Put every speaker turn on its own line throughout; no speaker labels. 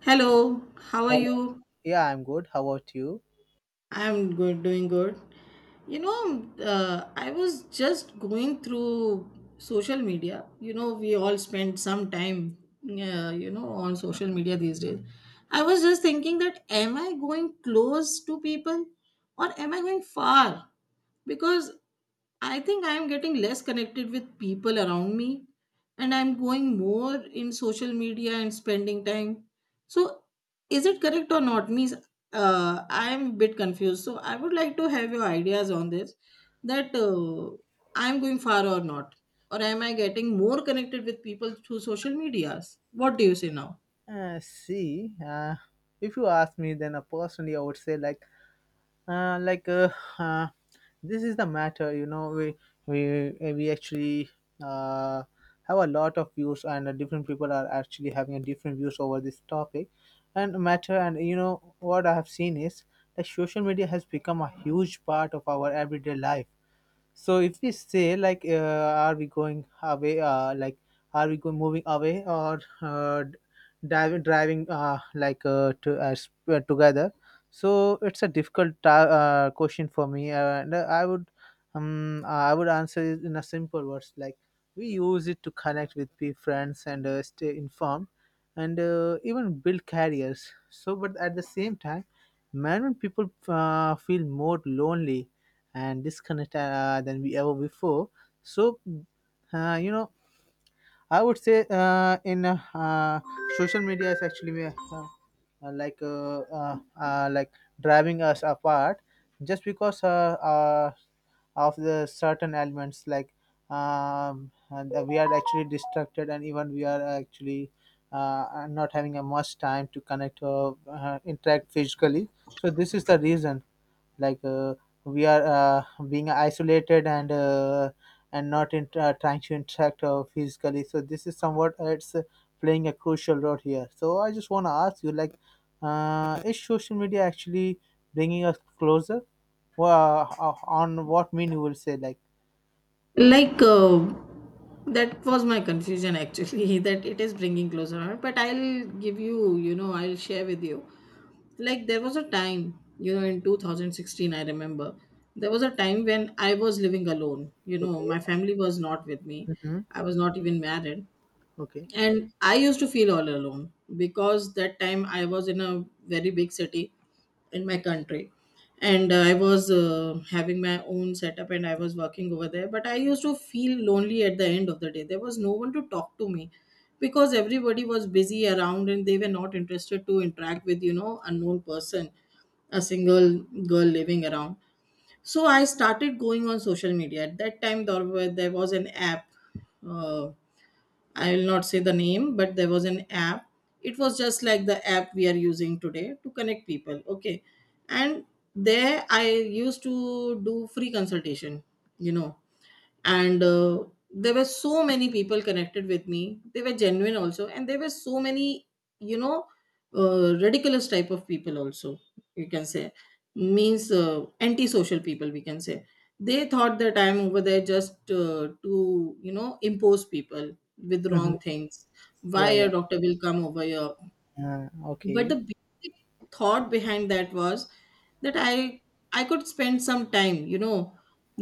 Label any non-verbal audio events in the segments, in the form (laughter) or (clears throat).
Hello, how are
Hello.
you?
Yeah, I'm good. How about you?
I'm good, doing good. You know, I was just going through social media. You know, we all spend some time, on social media these days. I was just thinking that am I going close to people or am I going far? Because I think I am getting less connected with people around me and I'm going more in social media and spending time. So, is it correct or not? Means I am a bit confused. So, I would like to have your ideas on this that I'm going far or not. Or am I getting more connected with people through social medias? What do you say now?
See, if you ask me, then personally, I would say like uh, this is the matter. You know, we actually uh, have a lot of views, and different people are actually having a different views over this topic and matter. And you know what I have seen is that social media has become a huge part of our everyday life. So if we say like, are we going away? Like, are we going moving away or driving together? So it's a difficult question for me, and I would answer it in a simple words like we use it to connect with friends and stay informed and even build careers. So, but at the same time, many people feel more lonely and disconnect than we ever before. So, you know, I would say in social media is actually like driving us apart just because of the certain elements like and we are actually distracted, and even we are actually not having a much time to connect or interact physically. So this is the reason, like, we are being isolated and and not in, trying to interact physically. So this is somewhat, it's playing a crucial role here. So I just want to ask you, like, is social media actually bringing us closer? Well, on what mean you will say, like?
Like, that was my confusion actually, (laughs) that it is bringing closer. But I'll give you, you know, I'll share with you. Like there was a time, you know, in 2016, I remember there was a time when I was living alone. You know,
Okay.
my family was not with me.
Mm-hmm.
I was not even married
Okay.
and I used to feel all alone because that time I was in a very big city in my country, and I was having my own setup and I was working over there, but I used to feel lonely. At the end of the day there was no one to talk to me because everybody was busy around and they were not interested to interact with, you know, unknown person, a single girl living around. So I started going on social media at that time. There was an app. uh, I will not say the name, but there was an app. It was just like the app we are using today to connect people. Okay. And there I used to do free consultation, you know, and there were so many people connected with me. They were genuine also. And there were so many, you know, ridiculous type of people also, you can say. Means antisocial people, we can say. They thought that I'm over there just to, you know, impose people with
Mm-hmm.
wrong things. Why
Yeah,
a
yeah.
doctor will come over here? But the
Okay.
basic thought behind that was that I could spend some time, you know,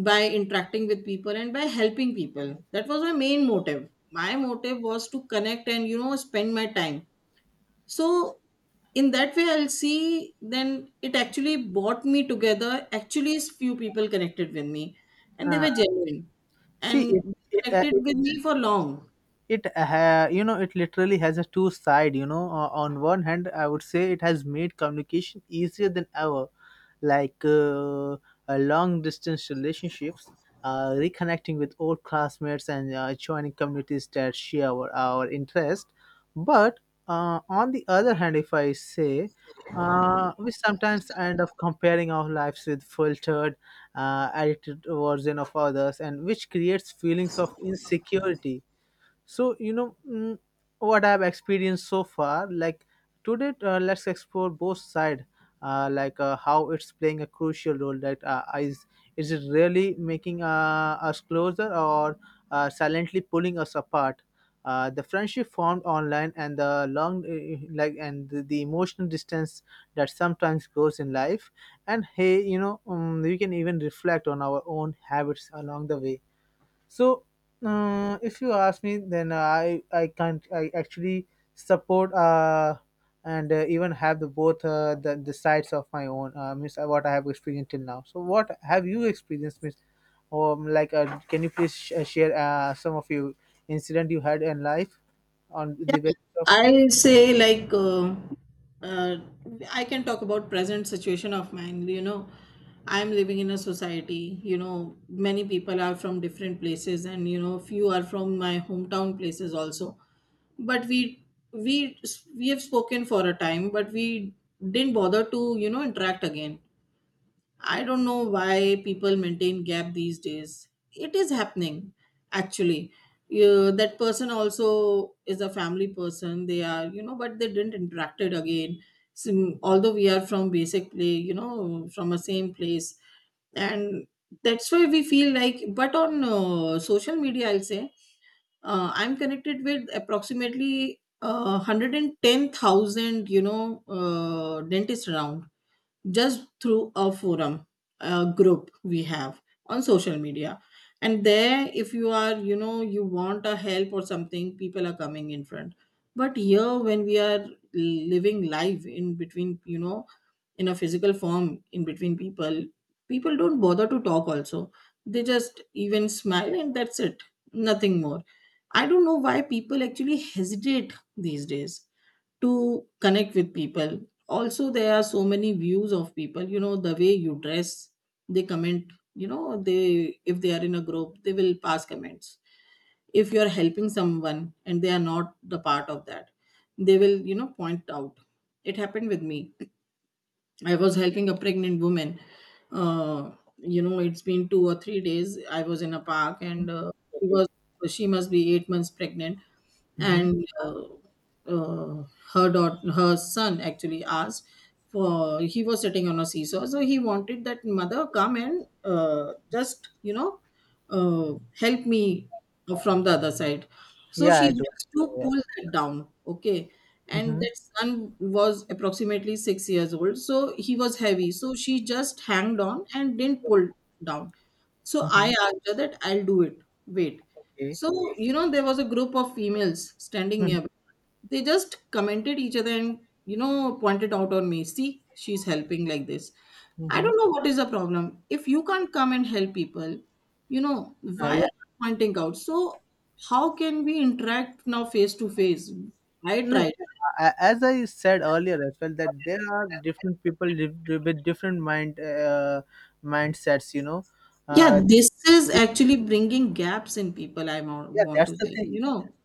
by interacting with people and by helping people. That was my main motive. My motive was to connect and, you know, spend my time. So in that way, I'll see, then it actually brought me together. Actually, few people connected with me, and they
uh,
were genuine,
See
and they
it, uh,
connected
it
with me for long.
you know, it literally has a two side. You know, on one hand, I would say it has made communication easier than ever. Like, long distance relationships, reconnecting with old classmates, and joining communities that share our interest. But on the other hand, if I say, we sometimes end up comparing our lives with filtered, edited version of others, and which creates feelings of insecurity. So you know, what I've experienced so far, like today, let's explore both side. Like, how it's playing a crucial role, that is is it really making us closer or silently pulling us apart? The friendship formed online, and the long, like, and the emotional distance that sometimes goes in life. And hey, you know, we can even reflect on our own habits along the way. So, if you ask me, then I can't I actually support and even have the both, the sides of my own, miss, what I have experienced till now. So, what have you experienced, miss? Like, can you please share some of your incident you had in life on the basis of?
I say like, uh, I can talk about present situation of mine. You know, I'm living in a society. You know, many people are from different places, and, you know, few are from my hometown places also. But we we have spoken for a time, but we didn't bother to, you know, interact again. I don't know why people maintain gap these days. It is happening, actually. You, that person also is a family person. They are, you know, but they didn't interacted again. Sim, although we are from basic play, you know, from a same place, and that's why we feel like. But on social media, I'll say I'm connected with approximately 110,000, you know, dentists around, just through a forum, a group we have on social media. And there, if you are, you know, you want a help or something, people are coming in front. But here, when we are living live in between, you know, in a physical form, in between people, people don't bother to talk also. They just even smile and that's it. Nothing more. I don't know why people actually hesitate these days to connect with people. Also, there are so many views of people. You know, the way you dress, they comment. You know, they, if they are in a group, they will pass comments. If you are helping someone and they are not the part of that, they will, you know, point out. It happened with me. I was helping a pregnant woman. Uh, you know, it's been 2 or 3 days. I was in a park and she was she must be 8 months pregnant,
Hmm.
and uh, her daughter, her son actually asked, for he was sitting on a seesaw, so he wanted that mother come and just, you know, help me from the other side. So
Yeah,
she
I do.
has to
Yeah.
pull that down. Okay. And
Mm-hmm.
that son was approximately 6 years old, so he was heavy, so she just hanged on and didn't pull down. So I
Mm-hmm.
asked her that I'll do it. Wait.
Okay.
So, you know, there was a group of females standing nearby. They just commented each other and, you know, pointed out on me. See, she's helping like this. I
Mm-hmm.
don't know what is the problem. If you can't come and help people, you know, why are
Yeah.
you pointing out? So how can we interact now face to face? I
No,
tried.
as I said earlier as well, that there are different people live with different mindsets. You know, uh,
Yeah, this is actually bringing gaps in people.
yeah,
Want
that's
to
the
say,
thing.
you know.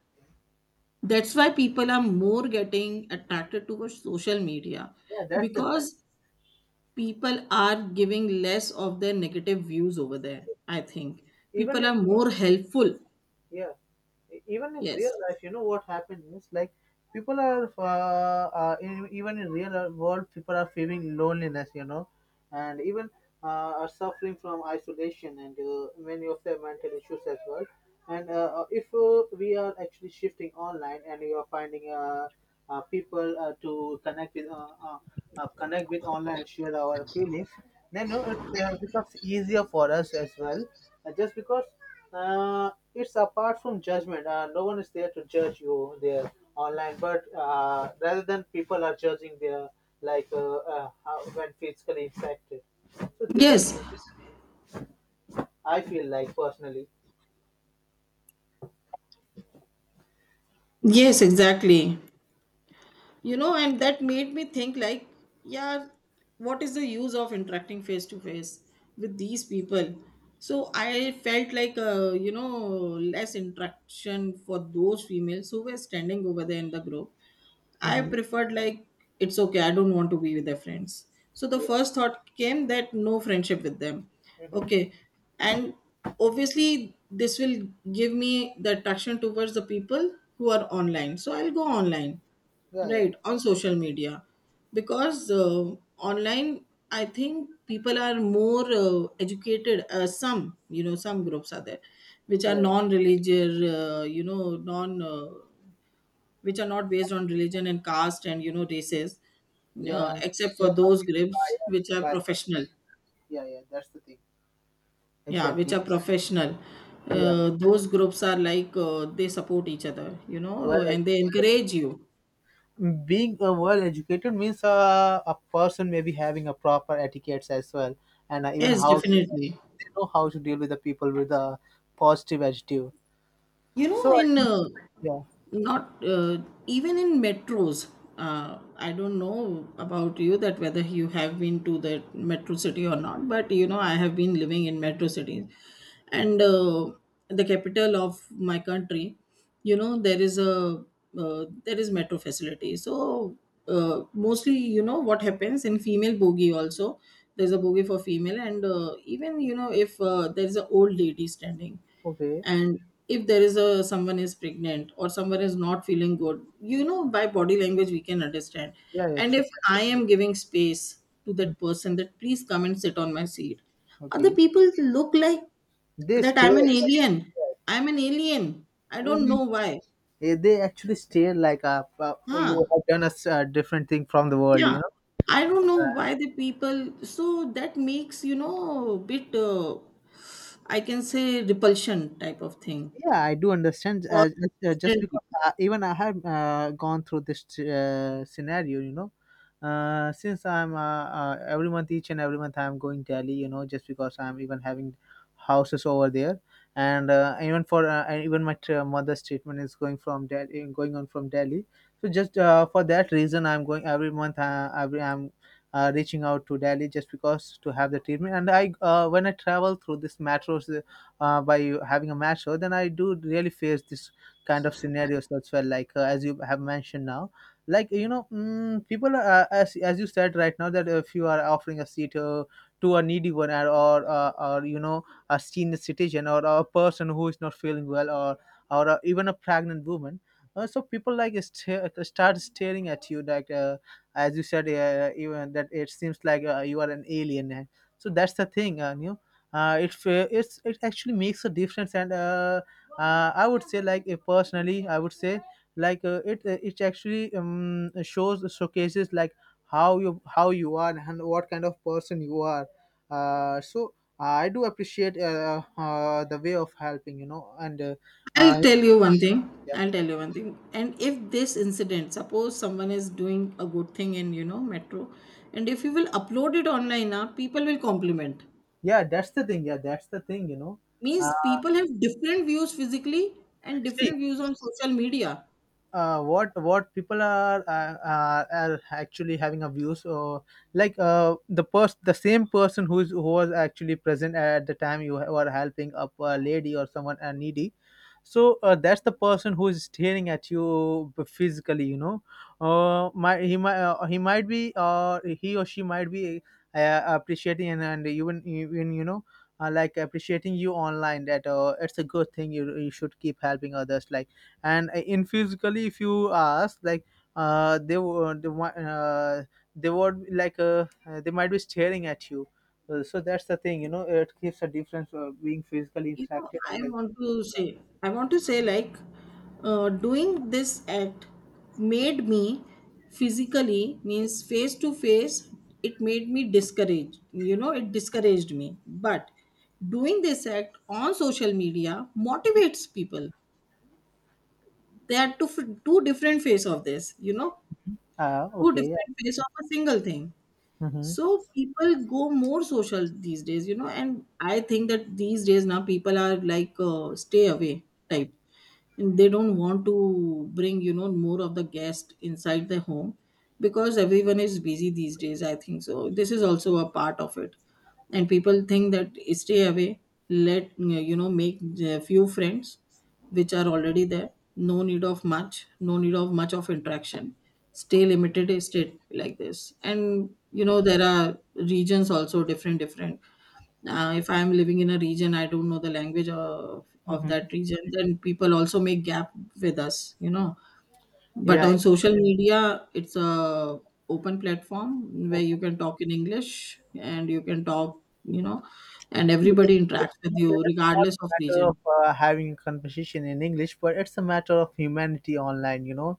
That's why people are more getting attracted towards social media
Yeah, that's the thing.
because people are giving less of their negative views over there, I think.
Even
People
if,
are more helpful.
yeah, even in real
Yes.
life, you know what happens? Is like people are even in real world, people are feeling loneliness, you know, and even are suffering from isolation and many of their mental issues as well. And if we are actually shifting online, and you are finding, people to connect with, connect with online, share our feelings, then you know, it becomes easier for us as well, just because, uh, it's apart from judgment. No one is there to judge you there online, but rather than people are judging their, like, how, when physically impacted. So this is,
Yes.
I feel like, personally.
Yes, exactly. You know, and that made me think like, yeah, what is the use of interacting face to face with these people? So I felt like, you know, less interaction. For those females who were standing over there in the group, I
Hmm.
preferred like, it's okay, I don't want to be with their friends. So the
Yeah.
first thought came that no friendship with them.
Hmm.
Okay. And obviously this will give me the attraction towards the people who are online. So I'll go online,
Yeah, yeah.
right? On social media. Because online, I think people are more educated. Some, you know, some groups are there which are
Yeah,
non religious, you know, non which are not based on religion and caste and, you know, races,
yeah. And
except for
you're not
those groups which
even biased
are
by.
professional.
Yeah, yeah, that's the thing.
Yeah, which
Exactly.
are professional.
Yeah, yeah.
Those groups are like, they support each other, you
Well
know, and they
educated.
encourage you.
Being well educated means a person may be having a proper etiquettes as well, and even
Yes,
how to,
definitely.
they know how to deal with the people with a positive attitude.
You know,
So
in
yeah,
not even in metros, I don't know about you, that whether you have been to the metro city or not, but you know, I have been living in metro cities and the capital of my country. You know, there is a there is metro facility. So mostly, you know what happens, in female bogie also, there's a bogie for female. And even, you know, if there's an old lady standing,
okay,
and if there is a someone is pregnant or someone is not feeling good, you know, by body language we can understand.
yeah, yeah,
And
sure.
if I am giving space to
Mm.
that person that please come and sit on my seat, other
Okay,
people look like
they
that I'm
stare.
an alien. I'm an alien. I don't
Mhm.
know why.
Eh, (laughs) they actually stare like,
Huh.
you have done a different thing from the world,
Yeah.
you know.
I don't know why the people so. That makes, you know, bit I can say repulsion type of thing
Yeah, I do understand.
for
Just
different
because
people.
even I have gone through this scenario, you know, since I'm every month, each and every month, I'm going Delhi, you know, just because I'm even having houses over there, and even for and even my mother's treatment is going from Delhi, going on from Delhi. So just for that reason, I'm going every month. Every I'm reaching out to Delhi just because to have the treatment, and I when I travel through this metros, by having a match show, then I do really face this kind of scenarios as well. Like as you have mentioned now, like you know, mm, people are, as you said right now, that if you are offering a seat to a needy one, or you know, a senior citizen, or a person who is not feeling well, or even a pregnant woman. So people like, start staring at you, like, as you said, even that it seems like, you are an alien. So that's the thing, you know, it's, it actually makes a difference, and I would say like, personally I would say like, it actually, shows showcases like how you, how you are, and what kind of person you are. So I do appreciate, the way of helping, you know, and
I'll
uh,
tell you one thing.
yeah,
I'll tell you one thing. And if this incident, suppose someone is doing a good thing in, you know, metro, and if you will upload it online now, people will compliment.
yeah, that's the thing. Yeah, that's the thing, you know. uh,
Means people have different views physically and
See,
different views on social media.
what people are actually having a view. So, like, the same person who is, who was actually present at the time you were helping up a lady or someone, needy. So that's the person who is staring at you physically, you know. He or she might be, appreciating, and even you know, like appreciating you online, that it's a good thing. You should keep helping others, like, and in physically if you ask, like, uh they would they, wa- uh, they would, like, they might be staring at you. So that's the thing, you know, it gives a difference of being physically
You know,
interacted
I
and
want to say, I want to say, like, doing this act made me physically, means face to face, it made me discouraged. You know, it discouraged me. But doing this act on social media motivates people. They are two, two different face of this, you know, two
okay.
different face of a single thing.
Mm-hmm.
So people go more social these days, you know, and I think that these days now people are like stay away type. And they don't want to bring, you know, more of the guest inside the home because everyone is busy these days, I think. So this is also a part of it. And people think that stay away. Let, you know, make a few friends which are already there. No need of much of interaction. Stay limited, stay like this. And you know, there are regions also, different different. If I'm living in a region, I don't know the language of
Mm-hmm.
that region, then people also make gap with us, you know. But
Yeah,
on social media, it's a open platform where you can talk in English and you can talk, you know, and
it's,
everybody interacts
it's
with
not
you
it's not
regardless
a
of
matter
region.
of having a conversation in English, but it's a matter of humanity online, you know.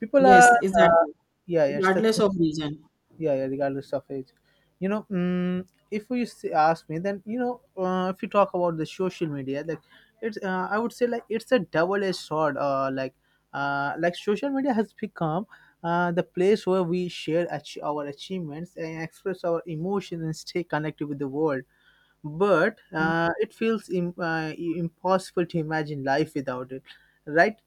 People are
Yes, exactly.
yeah, yeah, it's the,
Regardless of region.
yeah, yeah, regardless of age, you know, if we ask me, then you know, if you talk about the social media, like, it's, I would say like, it's a double-edged sword. Like, like social media has become the place where we share, our achievements, and express our emotions, and stay connected with the world. But
Mm.
it feels, impossible to imagine life without it, right?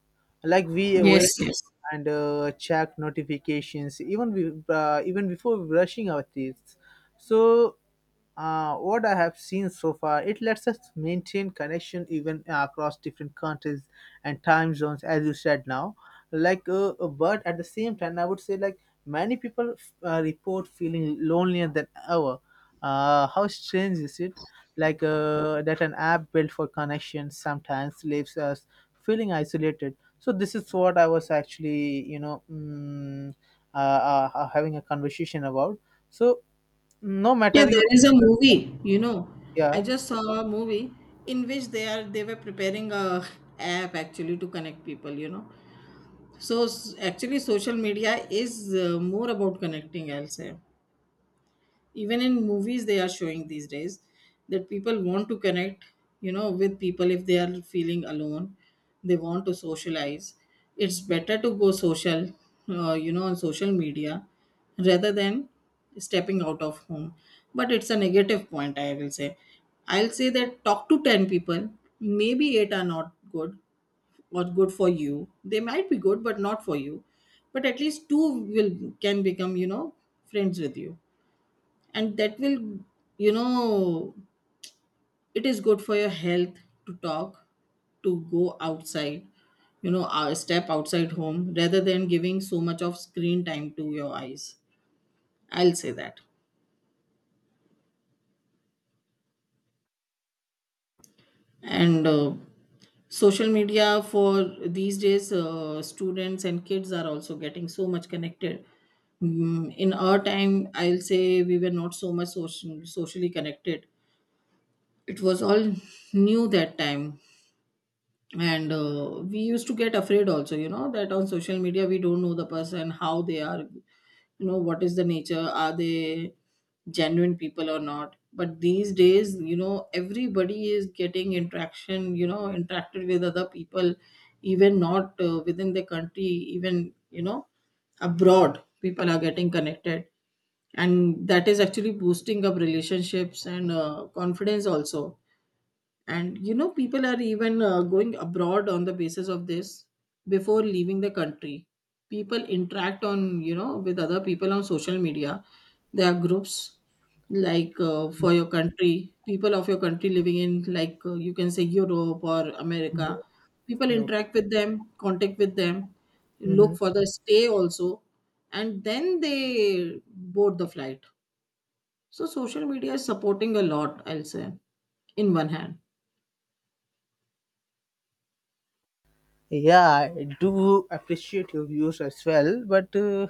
Like we
Yes,
wake up
yes,
and check notifications, even even before brushing our teeth. So what I have seen so far, it lets us maintain connection even across different countries and time zones, as you said now. Like, but at the same time, I would say like many people report feeling lonelier than ever. How strange is it? Like that, an app built for connection sometimes leaves us feeling isolated. So this is what I was actually, you know, having a conversation about. So no
yeah,
matter you.
there is a movie, you know. I
Yeah.
just saw a movie in which they were preparing a app actually to connect people, you know. Actually, social media is more about connecting. I'll say, even in movies, they are showing these days that people want to connect, you know, with people. If they are feeling alone, they want to socialize. It's better to go social, on social media rather than stepping out of home. But it's a negative point, I will say. I'll say that talk to ten people, maybe eight are not good, or good for you. They might be good but not for you, but at least two will can become, you know, friends with you, and that will you know it is good for your health to talk, to go outside, step outside home rather than giving so much of screen time to your eyes, I'll say that. And social media for these days, students and kids are also getting so much connected. Mm, in our time I'll say we were not so much socially connected. It was all new that time, and we used to get afraid also, you know, that on social media we don't know the person, how they are, you know, what is the nature, are they genuine people or not. But these days, you know, everybody is getting interaction, you know, interacted with other people, even not within the country, even, you know, abroad. People are getting connected, and that is actually boosting up relationships and confidence also. And you know people are even going abroad on the basis of this. Before leaving the country, people interact on, you know, with other people on social media. There are groups, like, for your country, people of your country living in, like, you can say Europe or
Mhm.
America. People
Yeah. Okay.
interact with them, contact with them,
Hmm.
look for the stay also, and then they board the flight. So social media is supporting a lot, I'll say, in one hand.
Yeah, I do appreciate your views as well, but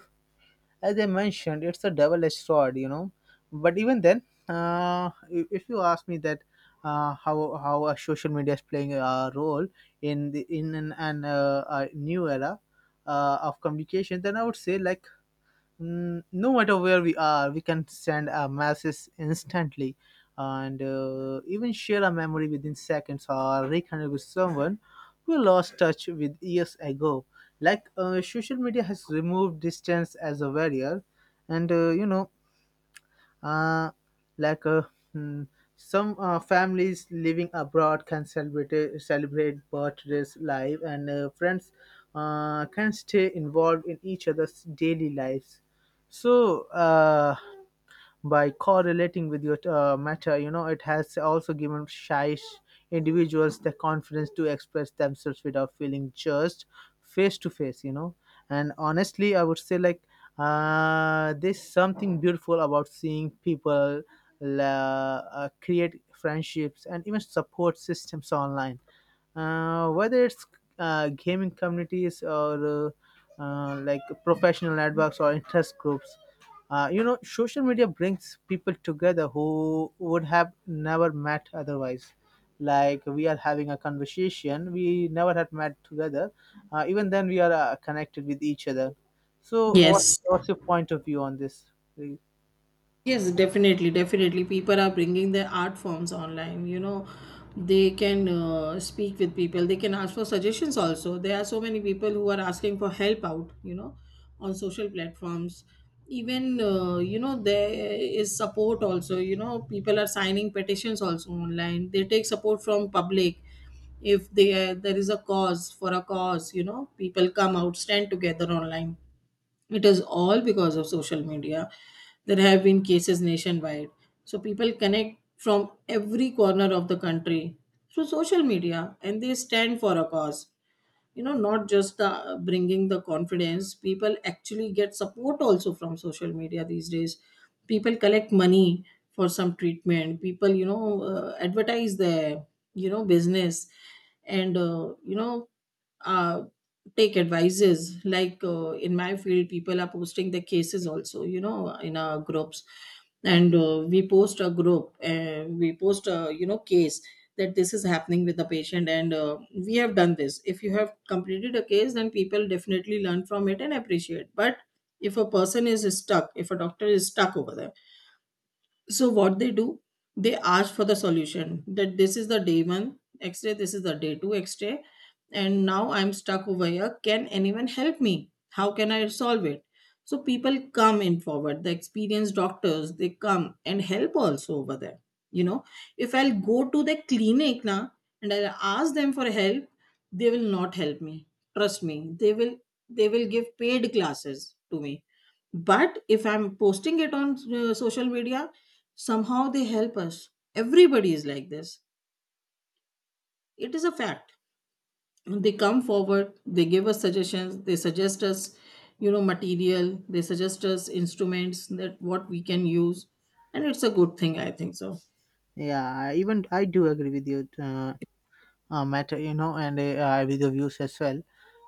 as I mentioned, it's a double-edged sword, you know. But even then, uh, if you ask me that, uh, how how a social media is playing a role in the, in an a new era of communication, then I would say like, mm, no matter where we are, we can send a message instantly, and even share a memory within seconds, or reconnect with someone we lost touch with years ago. Like social media has removed distance as a barrier, and you know uh, like hmm, some families living abroad can celebrate birthdays live, and friends can stay involved in each other's daily lives. So by correlating with your meta, it has also given shy individuals the confidence to express themselves without feeling judged face to face. And honestly, I would say, like, there's something beautiful about seeing people create friendships and even support systems online, whether it's gaming communities or like professional networks or interest groups. Social media brings people together who would have never met otherwise. Like, we are having a conversation, we never had met together. Even then we are connected with each other. So what,
Yes,
what's your point of view on this?
yes, definitely, definitely. People are bringing their art forms online. You know, they can speak with people. They can ask for suggestions also. There are so many people who are asking for help out, you know, on social platforms. Even, you know, there is support also. You know, people are signing petitions also online. They take support from public. If they, there is a cause, for a cause, you know, people come out, stand together online. It is all because of social media. There have been cases nationwide, so people connect from every corner of the country through social media and they stand for a cause. You know, not just the bringing the confidence, people actually get support also from social media these days. People collect money for some treatment. People, you know, advertise their, you know, business, and uh, take advices. Like, in my field, people are posting the cases also, you know, in our groups. And we post a, you know, case, that this is happening with the patient, and we have done this. If you have completed a case, then people definitely learn from it and appreciate. But if a person is stuck, if a doctor is stuck over there, so what they do, they ask for the solution, that this is the day one X-ray, this is the day two X-ray, and now I'm stuck over here. Can anyone help me? How can I solve it? So people come in forward, the experienced doctors, they come and help also over there. You know, if I'll go to the clinic now and I'll ask them for help, they will not help me. Trust me, they will give paid classes to me. But if I'm posting it on social media, somehow they help us. Everybody is like this. It is a fact. They come forward, they give us suggestions, they suggest us, you know, material, they suggest us instruments, that what we can use. And it's a good thing, I think so.
Yeah, even I do agree with you, matter, you know, and with the views as well.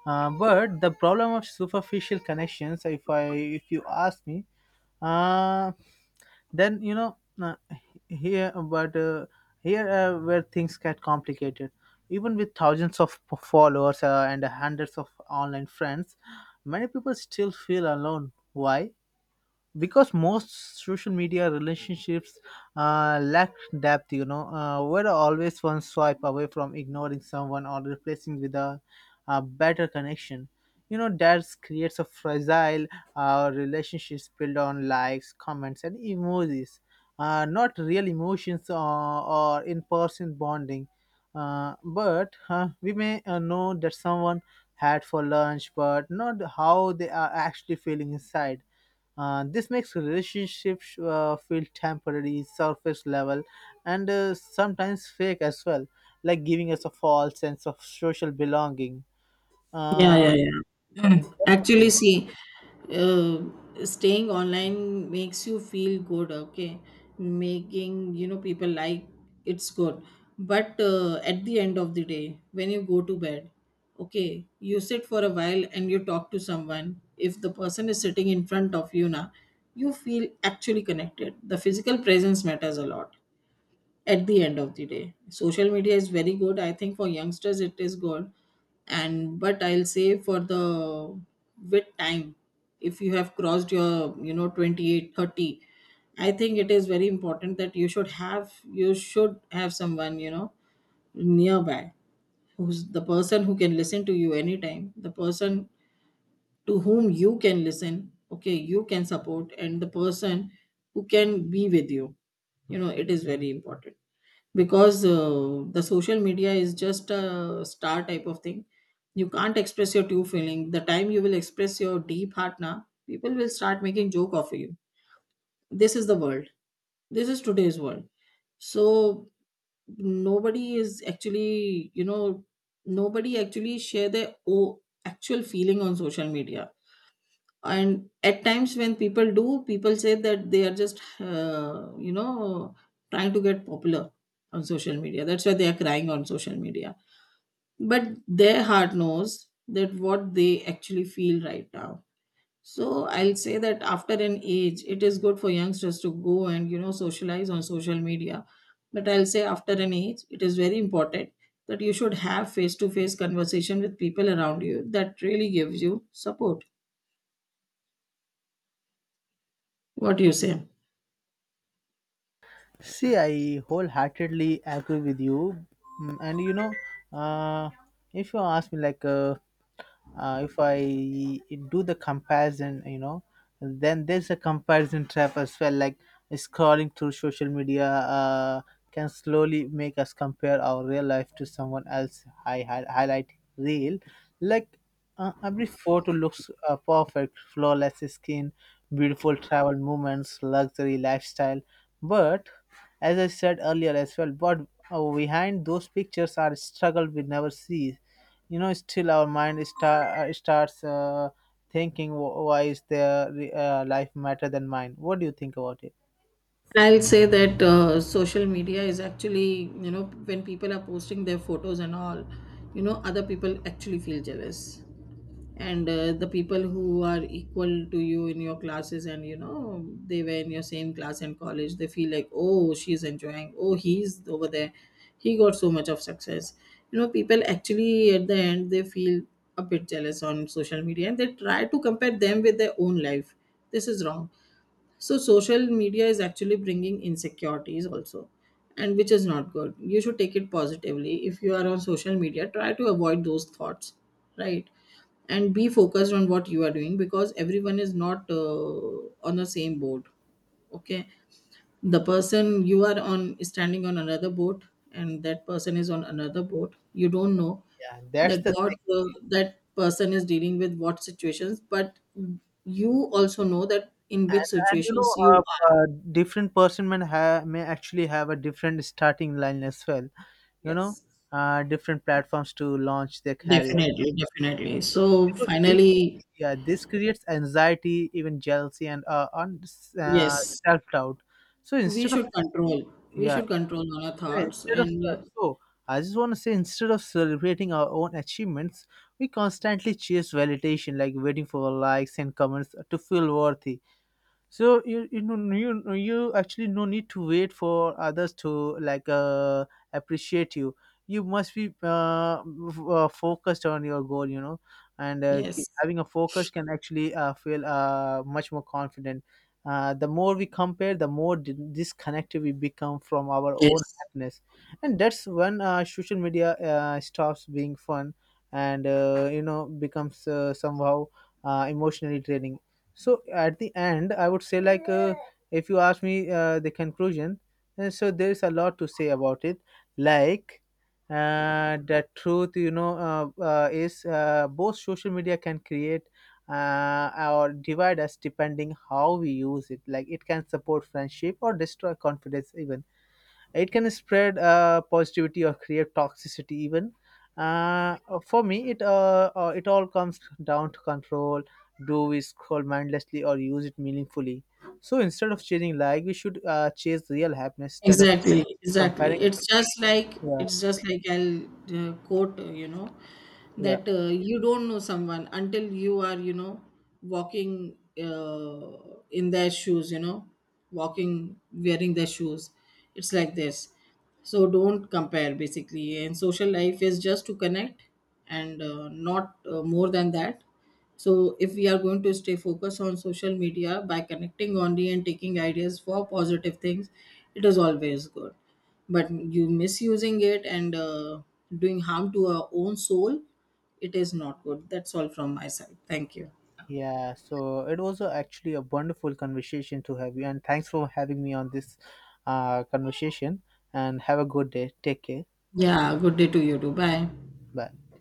But the problem of superficial connections, if I if you ask me, uh, then you know uh, here but here where things get complicated: even with thousands of followers and hundreds of online friends, many people still feel alone. Why? Because most social media relationships lack depth. You know, we're always one swipe away from ignoring someone or replacing with a better connection. You know, that creates a fragile relationships built on likes, comments and emojis, not real emotions or, in-person bonding. But We may know that someone had for lunch, but not how they are actually feeling inside. This makes relationships feel temporary, surface level, and sometimes fake as well, like giving us a false sense of social belonging.
Yeah,
Uh,
yeah, yeah. (clears throat) Actually, see, uh, staying online makes you feel good, okay, making, you know, people like, it's good. But at the end of the day, when you go to bed, okay, you sit for a while and you talk to someone. If the person is sitting in front of you now, you feel actually connected. The physical presence matters a lot. At the end of the day, social media is very good, I think for youngsters it is good. And but I'll say for the, with time, if you have crossed your, you know, 28-30, I think it is very important that you should have someone, you know, nearby, who's the person who can listen to you anytime, the person to whom you can listen, okay, you can support, and the person who can be with you, you know. It is very important, because the social media is just a star type of thing. You can't express your true feeling. The time you will express your deep heart now, people will start making joke of you. This is the world, this is today's world. So nobody is actually, you know, nobody actually share their actual feeling on social media. And at times when people do, people say that they are just, you know, trying to get popular on social media, that's why they are crying on social media. But their heart knows that what they actually feel right now. So I'll say that after an age it is good for youngsters to go and, you know, socialize on social media. But I'll say after an age, it is very important that you should have face to face conversation with people around you. That really gives you support. What do you say?
See, I wholeheartedly agree with you. Mm, and you know, uh, if you ask me, like. If I do the comparison, you know, then there's a comparison trap as well. Like, scrolling through social media can slowly make us compare our real life to someone else. I highlight real, like, every photo looks perfect, flawless skin, beautiful travel moments, luxury lifestyle. But, as I said earlier as well, but behind those pictures are struggle we never see. You know, still our mind starts thinking, Why is their life matter than mine?" What do you think about it?
I'll say that social media is actually, you know, when people are posting their photos and all, you know, other people actually feel jealous. And the people who are equal to you in your classes, and, you know, they were in your same class and college, they feel like, oh, she's enjoying, oh, he's over there. He got so much of success. You know, people actually at the end, they feel a bit jealous on social media, and they try to compare them with their own life. This is wrong. So social media is actually bringing insecurities also, and which is not good. You should take it positively. If you are on social media, try to avoid those thoughts, right? And be focused on what you are doing, because everyone is not on the same boat. Okay, the person you are on is standing on another boat, and that person is on another boat. You don't know
Yeah, that's
that
the.
what that person is dealing with, what situations, but you also know that in
and,
which
and you
situations
know,
you are.
uh, different person may, may actually have a different starting line as well, you know,
Yes,
different platforms to launch their career.
definitely, definitely. So
You know this.
finally,
Yeah, this creates anxiety, even jealousy, and uh,
yes,
self-doubt. So,
we
instead of.
should control. We
Yeah.
should control our
Yeah,
thoughts
instead of
and
I just want to say, instead of celebrating our own achievements, we constantly chase validation, like waiting for likes and comments to feel worthy. So you know, no, you, no, you actually no need to wait for others to like appreciate you. You must be focused on your goal. You know, and
yes,
having a focus can actually feel much more confident. The more we compare, the more disconnected we become from our own
yes.
happiness. And that's when social media stops being fun and becomes somehow emotionally draining. So at the end, I would say, like, if you ask me, the conclusion, so there's a lot to say about it. Like, the truth, you know, is both: social media can create or divide us depending how we use it. Like, it can support friendship or destroy confidence even. It can spread positivity or create toxicity even. uh, for me, it it all comes down to control. Do we scroll mindlessly or use it meaningfully? So instead of chasing like we should chase real happiness instead of
Exactly, exactly.
comparing.
It's just like,
Yeah.
it's just like I'll quote, you know,
Yeah,
that you don't know someone until you are, you know, walking in their shoes, walking wearing their shoes. It's like this. So don't compare basically. And social life is just to connect and not more than that. So if we are going to stay focused on social media by connecting only and taking ideas for positive things, it is always good. But you misusing it and doing harm to our own soul, it is not good. That's all from my side. Thank you.
yeah, so it was actually a wonderful conversation to have you, and thanks for having me on this conversation. And have a good day, take care.
Yeah, good day to you too. Bye.
Bye.